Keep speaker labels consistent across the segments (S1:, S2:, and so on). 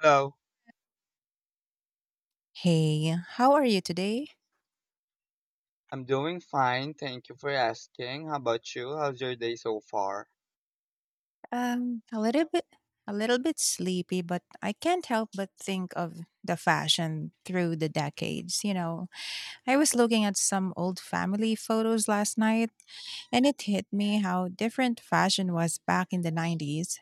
S1: Hello,
S2: Hey, how are you today?
S1: I'm doing fine. Thank you for asking. How about you? How's your day so far?
S2: Um, a little bit, a little bit sleepy, but I can't help but think of the fashion through the decades. You know, I was looking at some old family photos last night, and it hit me how different fashion was back in the 90s.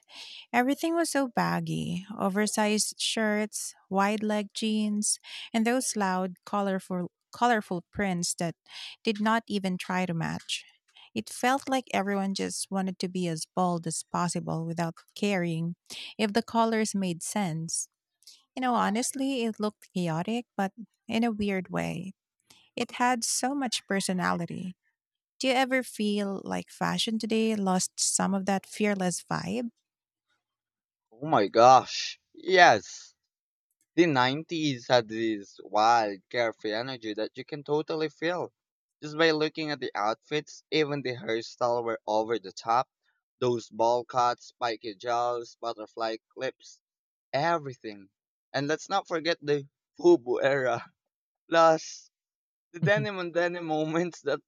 S2: Everything was so baggy oversized shirts, wide leg jeans, and those loud, colorful prints that did not even try to match. It felt like everyone just wanted to be as bold as possible without caring if the colors made sense. You know, honestly, it looked chaotic, but in a weird way. It had so much personality. Do you ever feel like fashion today lost some of that fearless vibe?
S1: Oh my gosh. Yes. The 90s had this wild, carefree energy that you can totally feel just by looking at the outfits. Even the hairstyle were over the top. Those ball cuts, spiky gels, butterfly clips, everything. And let's not forget the FUBU era. Plus, the denim on denim moments that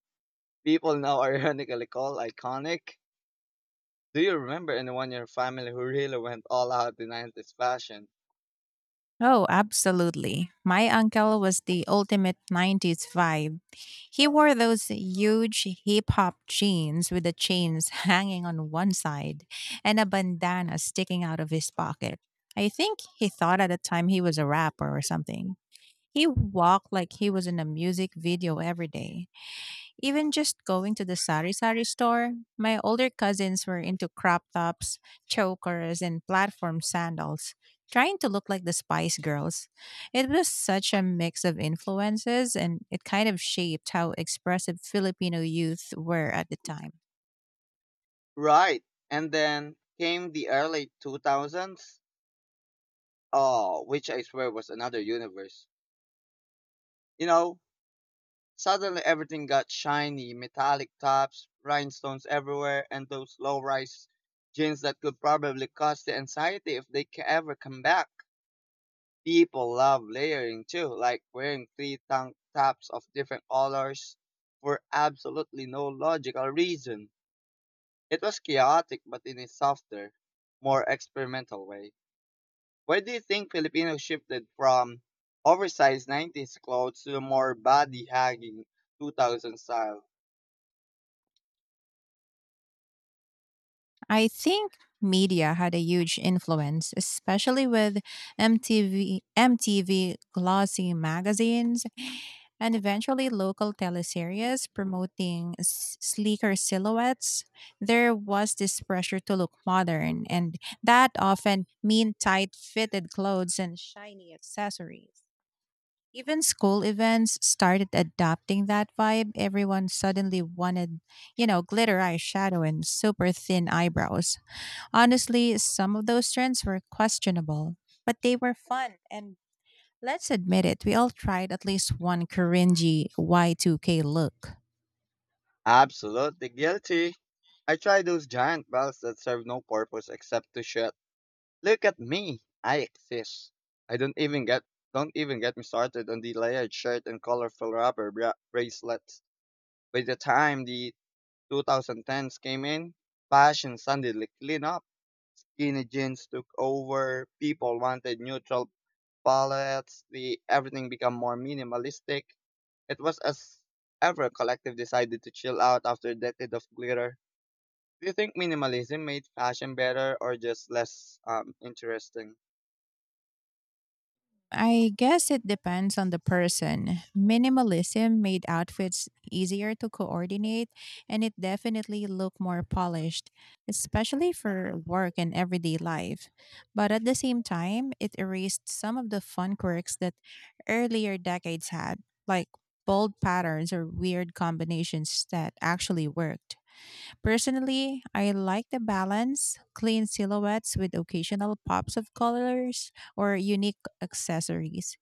S1: people now ironically call iconic. Do you remember anyone in your family who really went all out in 90s fashion?
S2: Oh, absolutely. My uncle was the ultimate 90s vibe. He wore those huge hip hop jeans with the chains hanging on one side and a bandana sticking out of his pocket. I think he thought at the time he was a rapper or something. He walked like he was in a music video every day. Even just going to the sari sari store, my older cousins were into crop tops, chokers, and platform sandals, trying to look like the Spice Girls. It was such a mix of influences, and it kind of shaped how expressive Filipino youth were at the time.
S1: Right. And then came the early 2000s, oh, which I swear was another universe. You know, Suddenly everything got shiny, metallic tops, rhinestones everywhere, and those low-rise jeans that could probably cause the anxiety if they ever come back. People love layering too, like wearing three tank tops of different colors for absolutely no logical reason. It was chaotic, but in a softer, more experimental way. Why do you think Filipinos shifted from oversized 90s clothes to a more body hugging 2000 style?
S2: I think media had a huge influence, especially with MTV glossy magazines, and eventually local teleseries promoting sleeker silhouettes. There was this pressure to look modern, and that often meant tight fitted clothes and shiny accessories. Even school events started adopting that vibe. Everyone suddenly wanted, you know, glitter eyeshadow and super thin eyebrows. Honestly, some of those trends were questionable, but they were fun. And let's admit it, we all tried at least one cringy Y2K look.
S1: Absolutely guilty. I tried those giant belts that serve no purpose except to shut. Look at me. I exist. I don't even get Don't even get me started on the layered shirt and colorful rubber bracelets. By the time the 2010s came in, fashion suddenly clean up. Skinny jeans took over, people wanted neutral palettes, the everything became more minimalistic. It was as ever collective decided to chill out after a decade of glitter. Do you think minimalism made fashion better or just less interesting?
S2: I guess it depends on the person. Minimalism made outfits easier to coordinate, and it definitely looked more polished, especially for work and everyday life. But at the same time, it erased some of the fun quirks that earlier decades had, like bold patterns or weird combinations that actually worked. Personally, I like the balance, clean silhouettes with occasional pops of colors or unique accessories.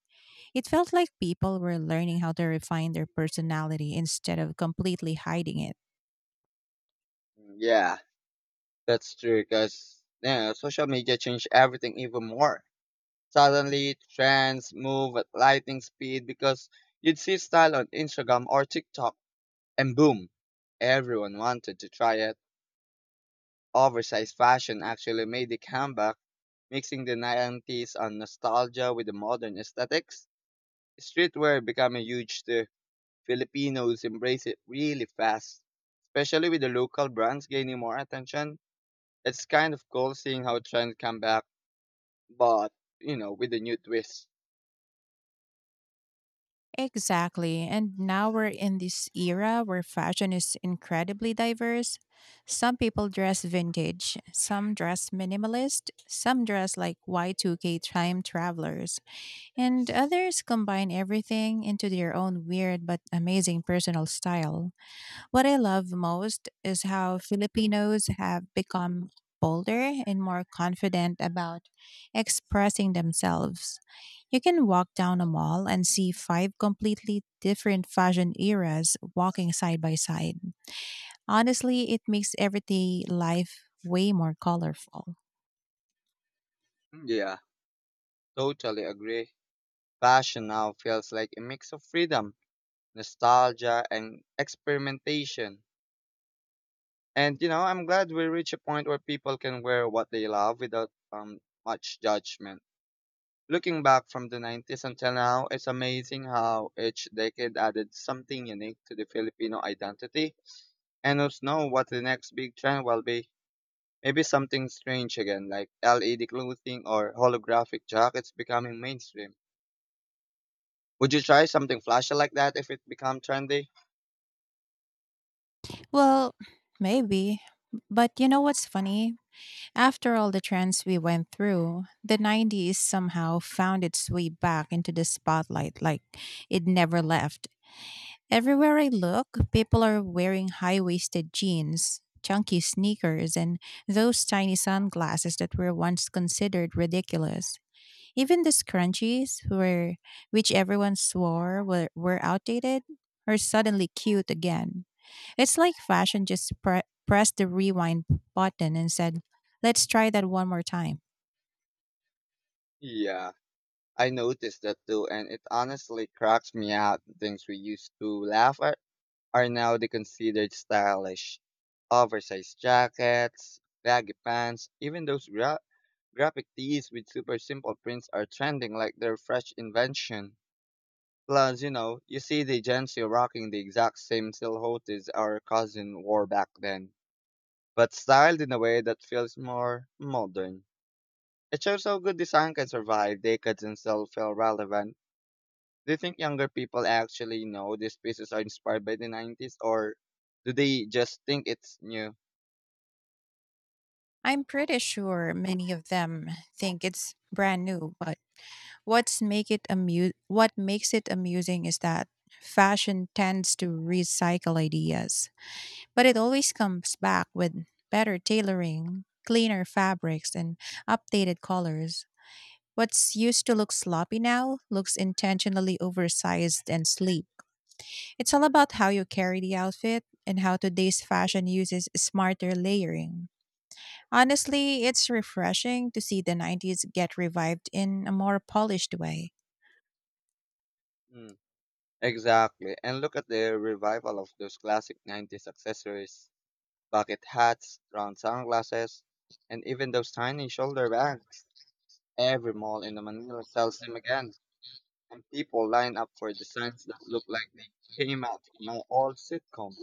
S2: It felt like people were learning how to refine their personality instead of completely hiding it.
S1: Mm. Yeah, that's true because yeah, social media changed everything even more. Suddenly trends move at lightning speed because you'd see style on Instagram or TikTok. And boom, everyone wanted to try it. Oversized fashion actually made a comeback, mixing the 90s on nostalgia with the modern aesthetics. Streetwear became a huge too. Filipinos embrace it really fast, especially with the local brands gaining more attention. It's kind of cool seeing how trends come back, but with a new twist.
S2: Exactly. And now we're in this era where fashion is incredibly diverse. Some people dress vintage, some dress minimalist, some dress like Y2K time travelers. And others combine everything into their own weird but amazing personal style. What I love most is how Filipinos have become bolder and more confident about expressing themselves. You can walk down a mall and see five completely different fashion eras walking side by side. Honestly, it makes everyday life way more colorful.
S1: Hmm. Yeah, totally agree. Fashion now feels like a mix of freedom, nostalgia, and experimentation. And I'm glad we reached a point where people can wear what they love without much judgment. Looking back from the 90s until now, it's amazing how each decade added something unique to the Filipino identity. And who's know what the next big trend will be? Maybe something strange again, like LED clothing or holographic jackets becoming mainstream. Would you try something flashy like that if it become trendy?
S2: Well, maybe. But you know what's funny? After all the trends we went through, the 90s somehow found its way back into the spotlight like it never left. Everywhere I look, people are wearing high waisted jeans, chunky sneakers, and those tiny sunglasses that were once considered ridiculous. Even the scrunchies, which everyone swore were outdated, are suddenly cute again. It's like fashion just pressed the rewind button and said, let's try that one more time.
S1: Yeah, I noticed that too, and it honestly cracks me out. The things we used to laugh at are now the considered stylish. Oversized jackets, baggy pants, even those graphic tees with super simple prints are trending like they're fresh invention. Plus, you see the Gen Z rocking the exact same silhouettes our cousin wore back then, but styled in a way that feels more modern. It shows how good design can survive decades and still feel relevant. Do you think younger people actually know these pieces are inspired by the 90s or do they just think it's new?
S2: I'm pretty sure many of them think it's brand new, but what makes it amusing is that fashion tends to recycle ideas, but it always comes back with better tailoring, cleaner fabrics, and updated colors. What's used to look sloppy now looks intentionally oversized and sleek. It's all about how you carry the outfit and how today's fashion uses smarter layering. Honestly, it's refreshing to see the 90s get revived in a more polished way.
S1: Mm. Exactly. And look at the revival of those classic 90s accessories, bucket hats, round sunglasses, and even those tiny shoulder bags. Every mall in the Manila sells them again, and people line up for designs that look like they came out from an old sitcom.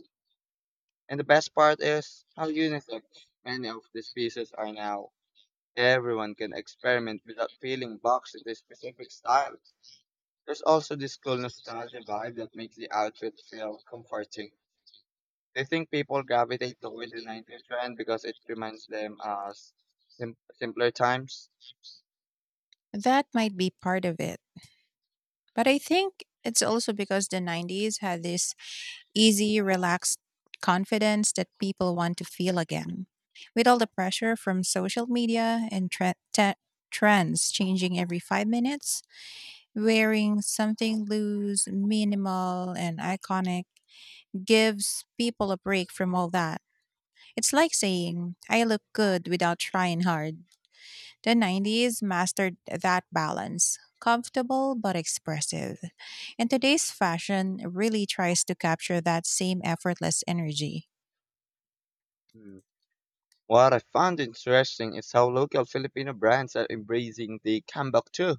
S1: And the best part is how unisex many of these pieces are now. Everyone can experiment without feeling boxed into a specific style. There's also this cool nostalgia vibe that makes the outfit feel comforting. They think people gravitate toward the 90s trend because it reminds them of simpler times.
S2: That might be part of it. But I think it's also because the 90s had this easy, relaxed confidence that people want to feel again. With all the pressure from social media and trends changing every 5 minutes, wearing something loose, minimal, and iconic gives people a break from all that. It's like saying, I look good without trying hard. The 90s mastered that balance, comfortable but expressive. And today's fashion really tries to capture that same effortless energy.
S1: Hmm. What I found interesting is how local Filipino brands are embracing the comeback too.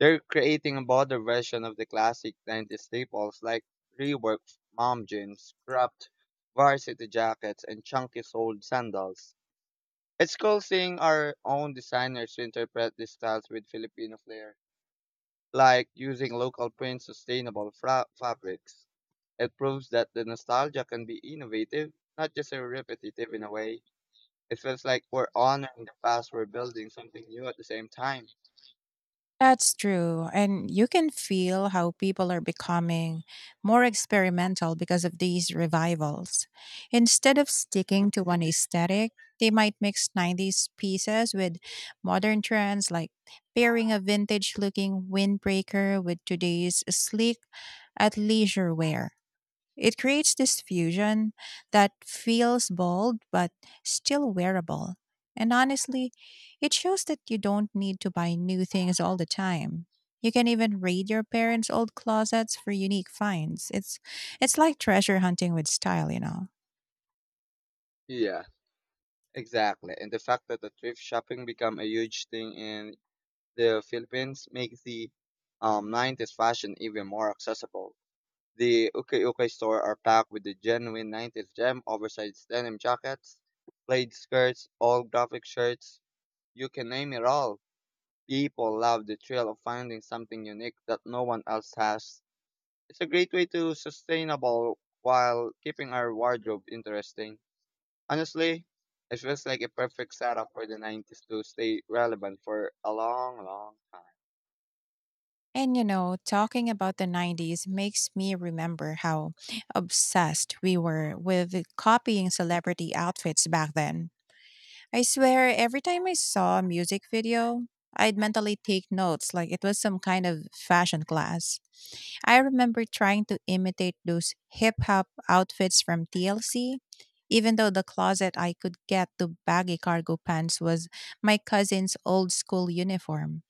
S1: They're creating a broader version of the classic 90s staples like reworked mom jeans, cropped varsity jackets, and chunky soled sandals. It's cool seeing our own designers interpret these styles with Filipino flair, like using local prints, sustainable fabrics. It proves that the nostalgia can be innovative, not just a repetitive in a way. It feels like we're honoring the past, we're building something new at the same time.
S2: That's true. And you can feel how people are becoming more experimental because of these revivals. Instead of sticking to one aesthetic, they might mix 90s pieces with modern trends like pairing a vintage looking windbreaker with today's sleek athleisure wear. It creates this fusion that feels bold but still wearable. And honestly, it shows that you don't need to buy new things all the time. You can even raid your parents' old closets for unique finds. It's like treasure hunting with style, you know.
S1: Yeah. Exactly. And the fact that the thrift shopping become a huge thing in the Philippines makes the 90s fashion even more accessible. The Uke Uke store are packed with the genuine 90s gem, oversized denim jackets, plaid skirts, all graphic shirts. You can name it all. People love the thrill of finding something unique that no one else has. It's a great way to sustainable while keeping our wardrobe interesting. Honestly, it feels like a perfect setup for the 90s to stay relevant for a long, long time.
S2: And you know, talking about the 90s makes me remember how obsessed we were with copying celebrity outfits back then. I swear, every time I saw a music video, I'd mentally take notes like it was some kind of fashion class. I remember trying to imitate those hip hop outfits from TLC, even though the closet I could get to baggy cargo pants was my cousin's old school uniform.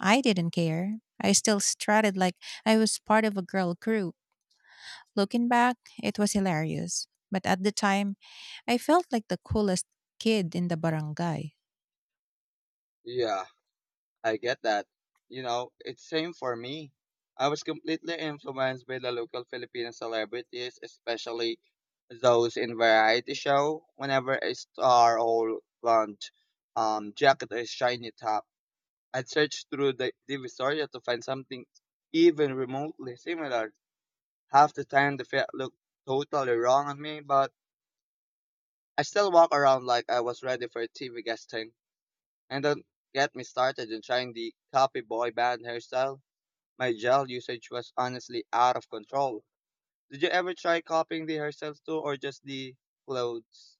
S2: I didn't care. I still strutted like I was part of a girl crew. Looking back, it was hilarious. But at the time, I felt like the coolest kid in the barangay.
S1: Yeah, I get that. It's same for me. I was completely influenced by the local Filipino celebrities, especially those in variety show. Whenever a star or blonde jacket or shiny top, I'd search through the Divisoria to find something even remotely similar. Half the time the fit looked totally wrong on me, but I still walk around like I was ready for a TV guesting. And don't get me started in trying the copy boy band hairstyle. My gel usage was honestly out of control. Did you ever try copying the hairstyles too, or just the clothes?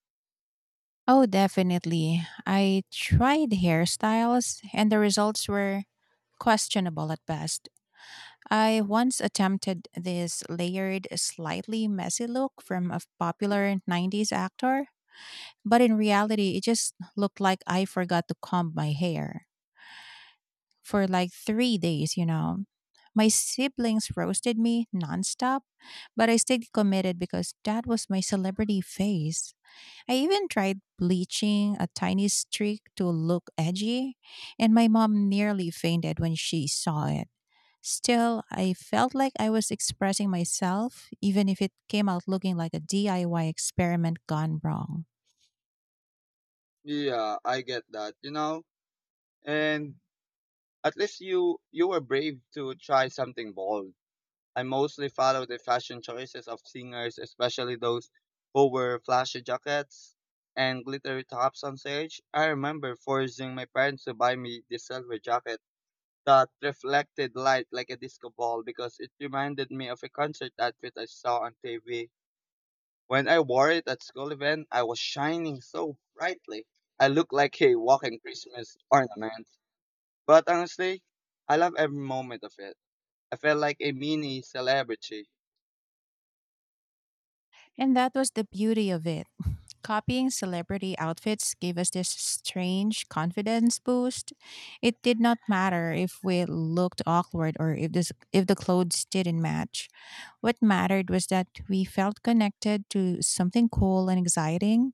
S2: Oh, definitely. I tried hairstyles, and the results were questionable at best. I once attempted this layered, slightly messy look from a popular 90s actor, but in reality, it just looked like I forgot to comb my hair for like 3 days, you know. My siblings roasted me nonstop, but I stayed committed because that was my celebrity face. I even tried bleaching a tiny streak to look edgy, and my mom nearly fainted when she saw it. Still, I felt like I was expressing myself, even if it came out looking like a DIY experiment gone wrong.
S1: Yeah, I get that, And at least you were brave to try something bold. I mostly followed the fashion choices of singers, especially those who wear flashy jackets and glittery tops on stage. I remember forcing my parents to buy me the silver jacket that reflected light like a disco ball because it reminded me of a concert outfit I saw on TV. When I wore it at school event, I was shining so brightly. I looked like a walking Christmas ornament. But honestly, I love every moment of it. I felt like a mini celebrity.
S2: And that was the beauty of it. Copying celebrity outfits gave us this strange confidence boost. It did not matter if we looked awkward or if the clothes didn't match. What mattered was that we felt connected to something cool and exciting.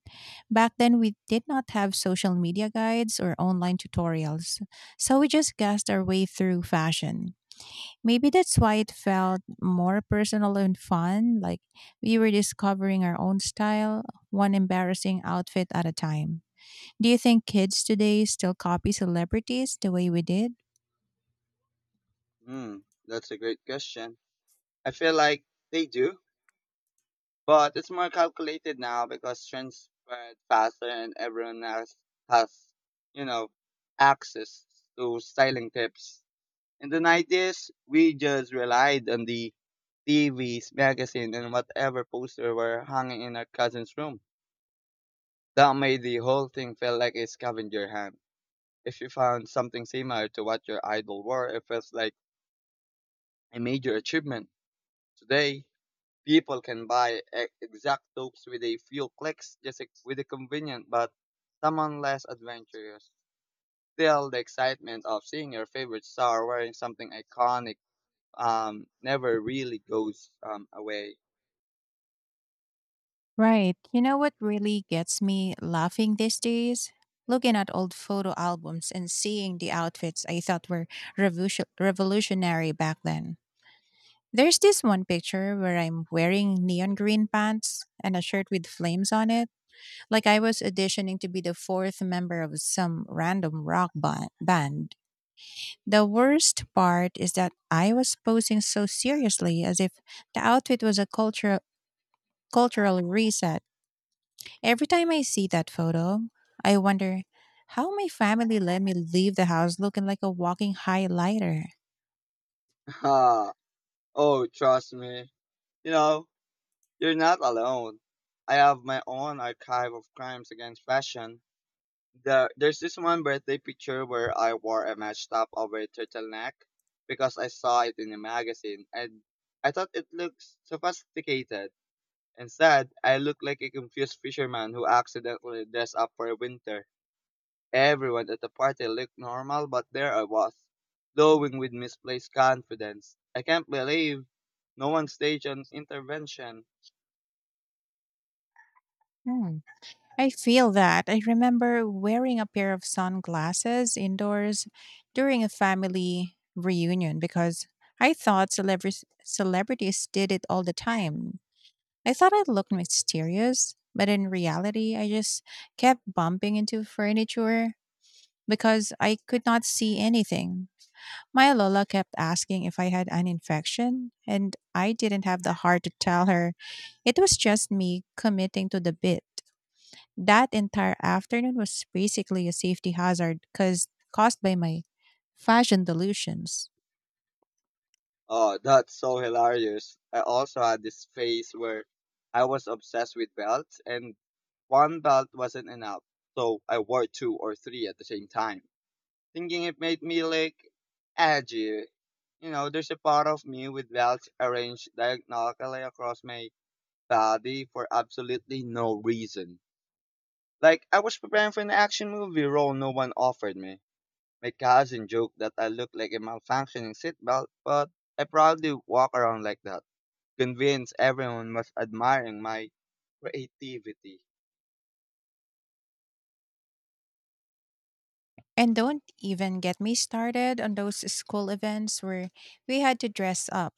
S2: Back then we did not have social media guides or online tutorials. So we just guessed our way through fashion. Maybe that's why it felt more personal and fun, like we were discovering our own style, one embarrassing outfit at a time. Do you think kids today still copy celebrities the way we did?
S1: Hmm, that's a great question. I feel like they do. But it's more calculated now because trends spread faster and everyone has, has, you know, access to styling tips. In the 90s, we just relied on the TVs, magazine, and whatever poster were hanging in our cousin's room. That made the whole thing feel like a scavenger hunt. If you found something similar to what your idol wore, it felt like a major achievement. Today, people can buy exact dopes with a few clicks with a convenient but someone less adventurous. Still, the excitement of seeing your favorite star wearing something iconic never really goes away.
S2: Right. You know what really gets me laughing these days? Looking at old photo albums and seeing the outfits I thought were revolutionary back then. There's this one picture where I'm wearing neon green pants and a shirt with flames on it, like I was auditioning to be the fourth member of some random rock band. The worst part is that I was posing so seriously as if the outfit was cultural reset. Every time I see that photo, I wonder how my family let me leave the house looking like a walking highlighter.
S1: Ah, oh, trust me. You know, you're not alone. I have my own archive of crimes against fashion. There's this one birthday picture where I wore a matched top over turtleneck because I saw it in a magazine and I thought it looked sophisticated. Instead, I looked like a confused fisherman who accidentally dressed up for winter. Everyone at the party looked normal, but there I was, glowing with misplaced confidence. I can't believe no one staged an intervention.
S2: Hmm. I feel that. I remember wearing a pair of sunglasses indoors during a family reunion because I thought celebrities did it all the time. I thought I looked mysterious, but in reality, I just kept bumping into furniture because I could not see anything. My Lola kept asking if I had an infection, and I didn't have the heart to tell her. It was just me committing to the bit. That entire afternoon was basically a safety hazard caused by my fashion delusions.
S1: Oh, that's so hilarious. I also had this phase where I was obsessed with belts and one belt wasn't enough. So I wore two or three at the same time, thinking it made me look edgy. There's a part of me with belts arranged diagonally across my body for absolutely no reason. Like, I was preparing for an action movie role no one offered me. My cousin joked that I looked like a malfunctioning seatbelt, but I proudly walk around like that convince everyone was admiring my creativity.
S2: And don't even get me started on those school events where we had to dress up.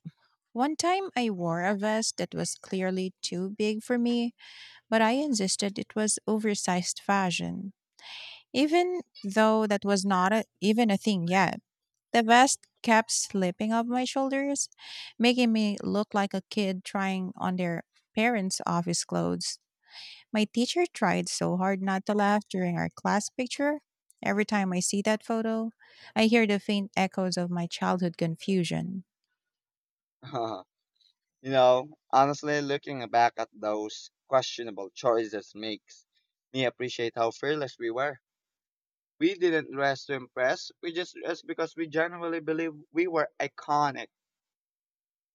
S2: One time I wore a vest that was clearly too big for me, but I insisted it was oversized fashion, even though that was not a, even a thing yet. The vest kept slipping off my shoulders, making me look like a kid trying on their parents' office clothes. My teacher tried so hard not to laugh during our class picture. Every time I see that photo, I hear the faint echoes of my childhood confusion.
S1: you Honestly, looking back at those questionable choices makes me appreciate how fearless we were. We didn't dress to impress, we just dressed because we genuinely believe we were iconic.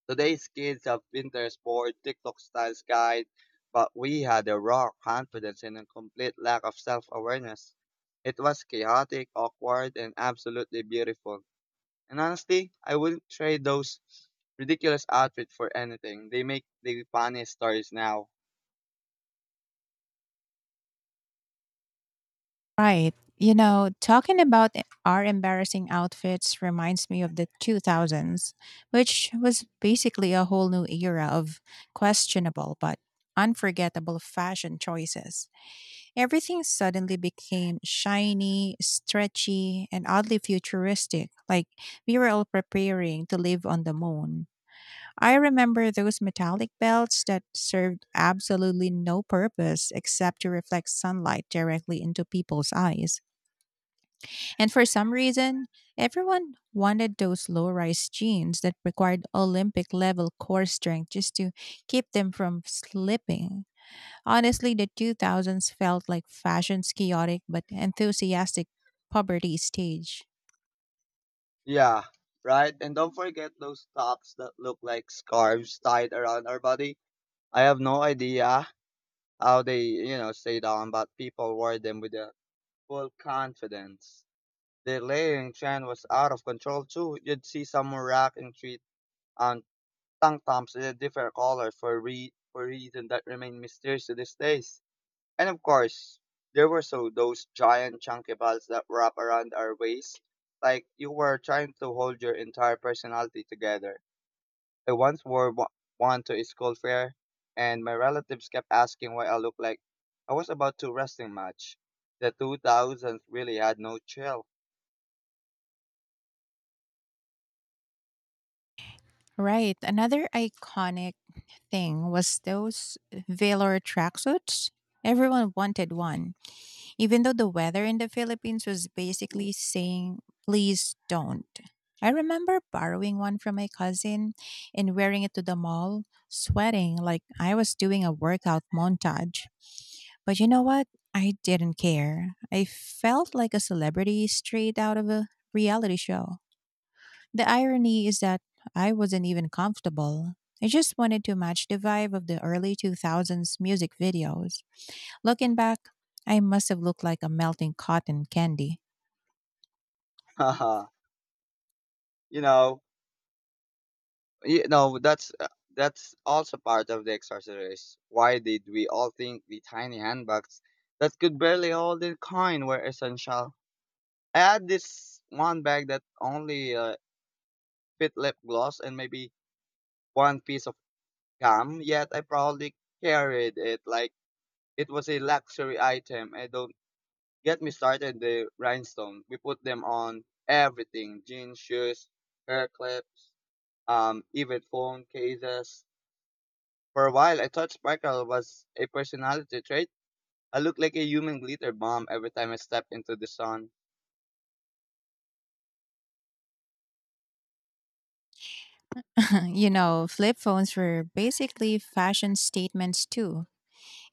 S1: Today's kids have Pinterest board, TikTok styles guide, but we had a raw confidence and a complete lack of self awareness. It was chaotic, awkward, and absolutely beautiful. And honestly, I wouldn't trade those ridiculous outfits for anything. They make the funniest stories now.
S2: Right. You know, talking about our embarrassing outfits reminds me of the 2000s, which was basically a whole new era of questionable but unforgettable fashion choices. Everything suddenly became shiny, stretchy, and oddly futuristic, like we were all preparing to live on the moon. I remember those metallic belts that served absolutely no purpose except to reflect sunlight directly into people's eyes. And for some reason, everyone wanted those low rise jeans that required Olympic level core strength just to keep them from slipping. Honestly, the 2000s felt like fashion's chaotic but enthusiastic puberty stage.
S1: Yeah, right? And don't forget those tops that look like scarves tied around our body. I have no idea how they, stay down, but people wore them with a full confidence. The layering trend was out of control too. You'd see someone rocking three um, tank tops in a different color for reason that remain mysterious to these days. And of course, there were so those giant chunky balls that wrap around our waist, like you were trying to hold your entire personality together. I once wore one to a school fair, and my relatives kept asking why I looked like I was about to wrestling match. The 2000s really had no chill.
S2: Right. Another iconic thing was those velour tracksuits. Everyone wanted one, even though the weather in the Philippines was basically saying, please don't. I remember borrowing one from my cousin and wearing it to the mall, sweating like I was doing a workout montage. But you know what? I didn't care. I felt like a celebrity straight out of a reality show. The irony is that I wasn't even comfortable. I just wanted to match the vibe of the early 2000s music videos. Looking back, I must have looked like a melting cotton candy.
S1: you know, you know that's also part of the exercise. Why did we all think the tiny handbags that could barely hold a coin were essential? I had this one bag that only fit lip gloss and maybe one piece of gum, yet I proudly carried it like it was a luxury item. And don't get me started the rhinestone. We put them on everything jeans, shoes, hair clips, even phone cases. For a while, I thought sparkle was a personality trait. I looked like a human glitter bomb every time I stepped into the sun.
S2: You know, flip phones were basically fashion statements too.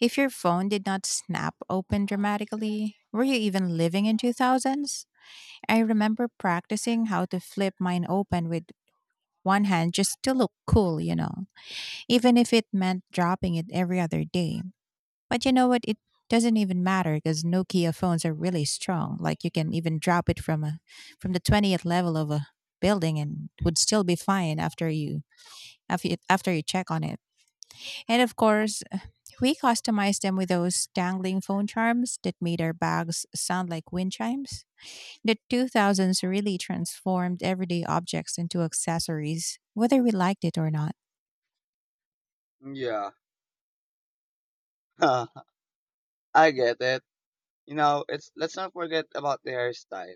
S2: If your phone did not snap open dramatically, were you even living in 2000s? I remember practicing how to flip mine open with one hand just to look cool, you know, even if it meant dropping it every other day. But you know what? It doesn't even matter because Nokia phones are really strong. Like you can even drop it from the 20th level of a building and it would still be fine after you check on it. And of course, we customized them with those dangling phone charms that made our bags sound like wind chimes. The 2000s really transformed everyday objects into accessories, whether we liked it or not.
S1: Yeah, I get it. You know, it's Let's not forget about the hairstyle.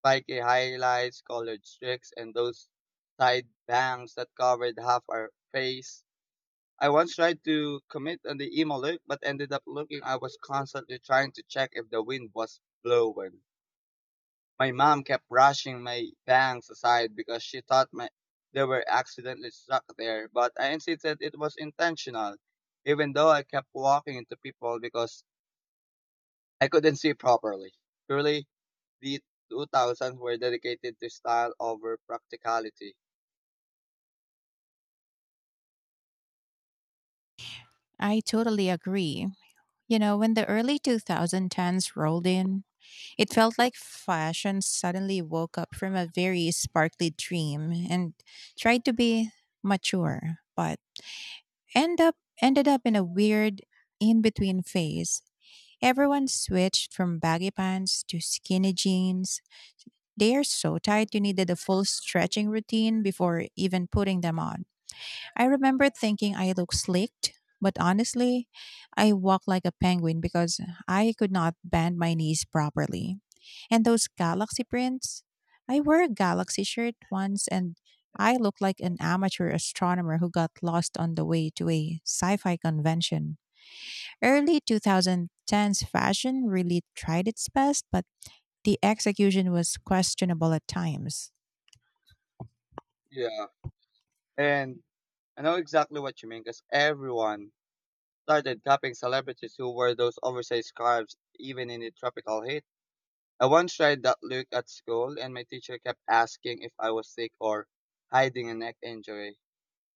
S1: Spiky highlights, colored streaks, and those side bangs that covered half our face. I once tried to commit on the emo look, but ended up looking I was constantly trying to check if the wind was blowing. My mom kept brushing my bangs aside because she thought my they were accidentally stuck there, but I insisted it was intentional, even though I kept walking into people because I couldn't see properly. Truly, the 2000s were dedicated to style over practicality.
S2: I totally agree. You know, when the early 2010s rolled in, it felt like fashion suddenly woke up from a very sparkly dream and tried to be mature, but end up ended up in a weird in-between phase. Everyone switched from baggy pants to skinny jeans. They are so tight you needed a full stretching routine before even putting them on. I remember thinking I looked slicked, but honestly, I walked like a penguin because I could not bend my knees properly. And those galaxy prints? I wore a galaxy shirt once and I looked like an amateur astronomer who got lost on the way to a sci fi convention. Early 2010s fashion really tried its best, but the execution was questionable at times.
S1: Yeah. And I know exactly what you mean because everyone started copying celebrities who wore those oversized scarves even in the tropical heat. I once tried that look at school and my teacher kept asking if I was sick or hiding a neck injury.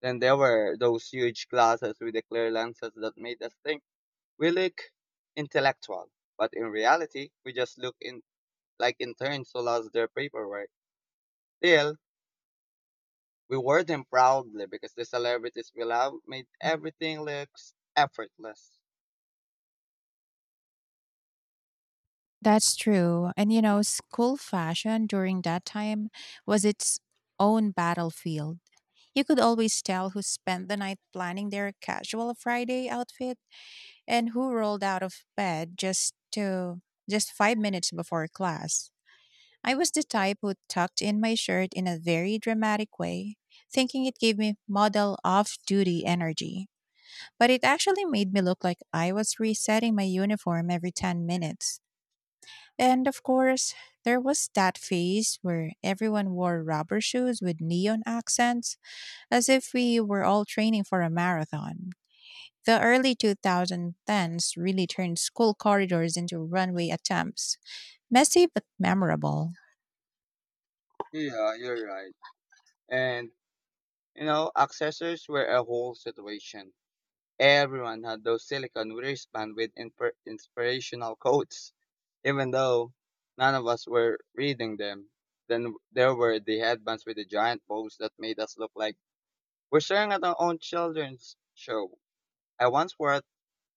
S1: Then there were those huge glasses with the clear lenses that made us think we look intellectual. But in reality, we just look in like interns who lost their paperwork. Still, we wore them proudly because the celebrities we love made everything look effortless.
S2: That's true. And you know, school fashion during that time was its own battlefield. You could always tell who spent the night planning their casual Friday outfit and who rolled out of bed just 5 minutes before class. I was the type who tucked in my shirt in a very dramatic way, thinking it gave me model off-duty energy, but it actually made me look like I was resetting my uniform every 10 minutes. And of course, there was that phase where everyone wore rubber shoes with neon accents, as if we were all training for a marathon. The early 2010s really turned school corridors into runway attempts, messy but memorable.
S1: Yeah, you're right. And, accessories were a whole situation. Everyone had those silicone wristbands with inspirational quotes, even though none of us were reading them. Then there were the headbands with the giant bows that made us look like we're staring at our own children's show. I once wore it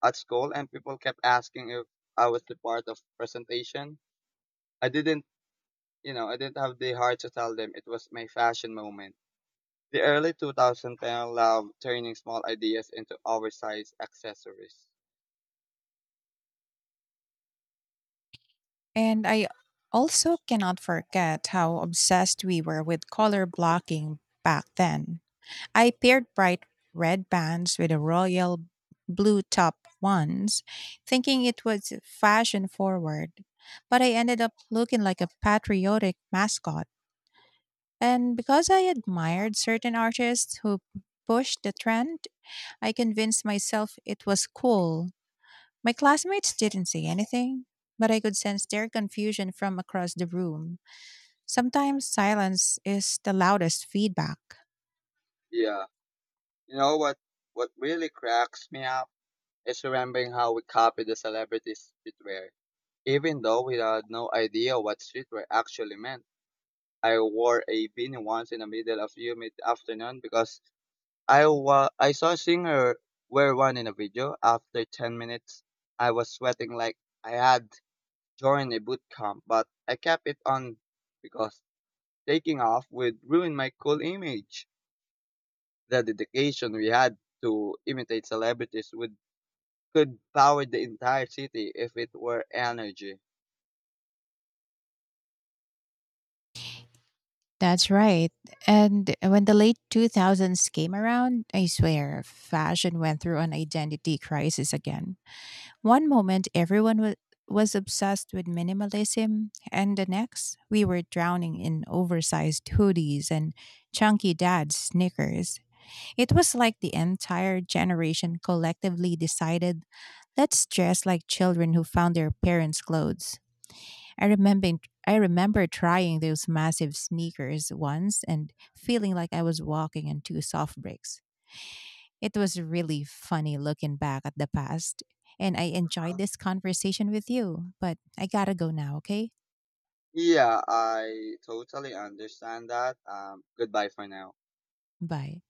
S1: at school, and people kept asking if I was the part of presentation. I didn't, I didn't have the heart to tell them it was my fashion moment. The early 2010 love turning small ideas into oversized accessories.
S2: And I also cannot forget how obsessed we were with color blocking back then. I paired bright red bands with a royal blue top once, thinking it was fashion forward, but I ended up looking like a patriotic mascot. And because I admired certain artists who pushed the trend, I convinced myself it was cool. My classmates didn't say anything, but I could sense their confusion from across the room. Sometimes silence is the loudest feedback.
S1: Yeah. You know what really cracks me up is remembering how we copied the celebrities' streetwear. Even though we had no idea what streetwear actually meant. I wore a beanie once in the middle of humid afternoon because I saw a singer wear one in a video. After 10 minutes, I was sweating like I had join a boot camp, but I kept it on because taking off would ruin my cool image. The dedication we had to imitate celebrities would could power the entire city if it were energy.
S2: That's right. And when the late 2000s came around, I swear, fashion went through an identity crisis again. One moment, was obsessed with minimalism, and the next, we were drowning in oversized hoodies and chunky dad's sneakers. It was like the entire generation collectively decided let's dress like children who found their parents' clothes. I remember I remember trying those massive sneakers once and feeling like I was walking on two soft bricks. It was really funny looking back at the past, and I enjoyed this conversation with you, but I gotta go now, okay?
S1: Yeah, I totally understand that. Goodbye for now.
S2: Bye.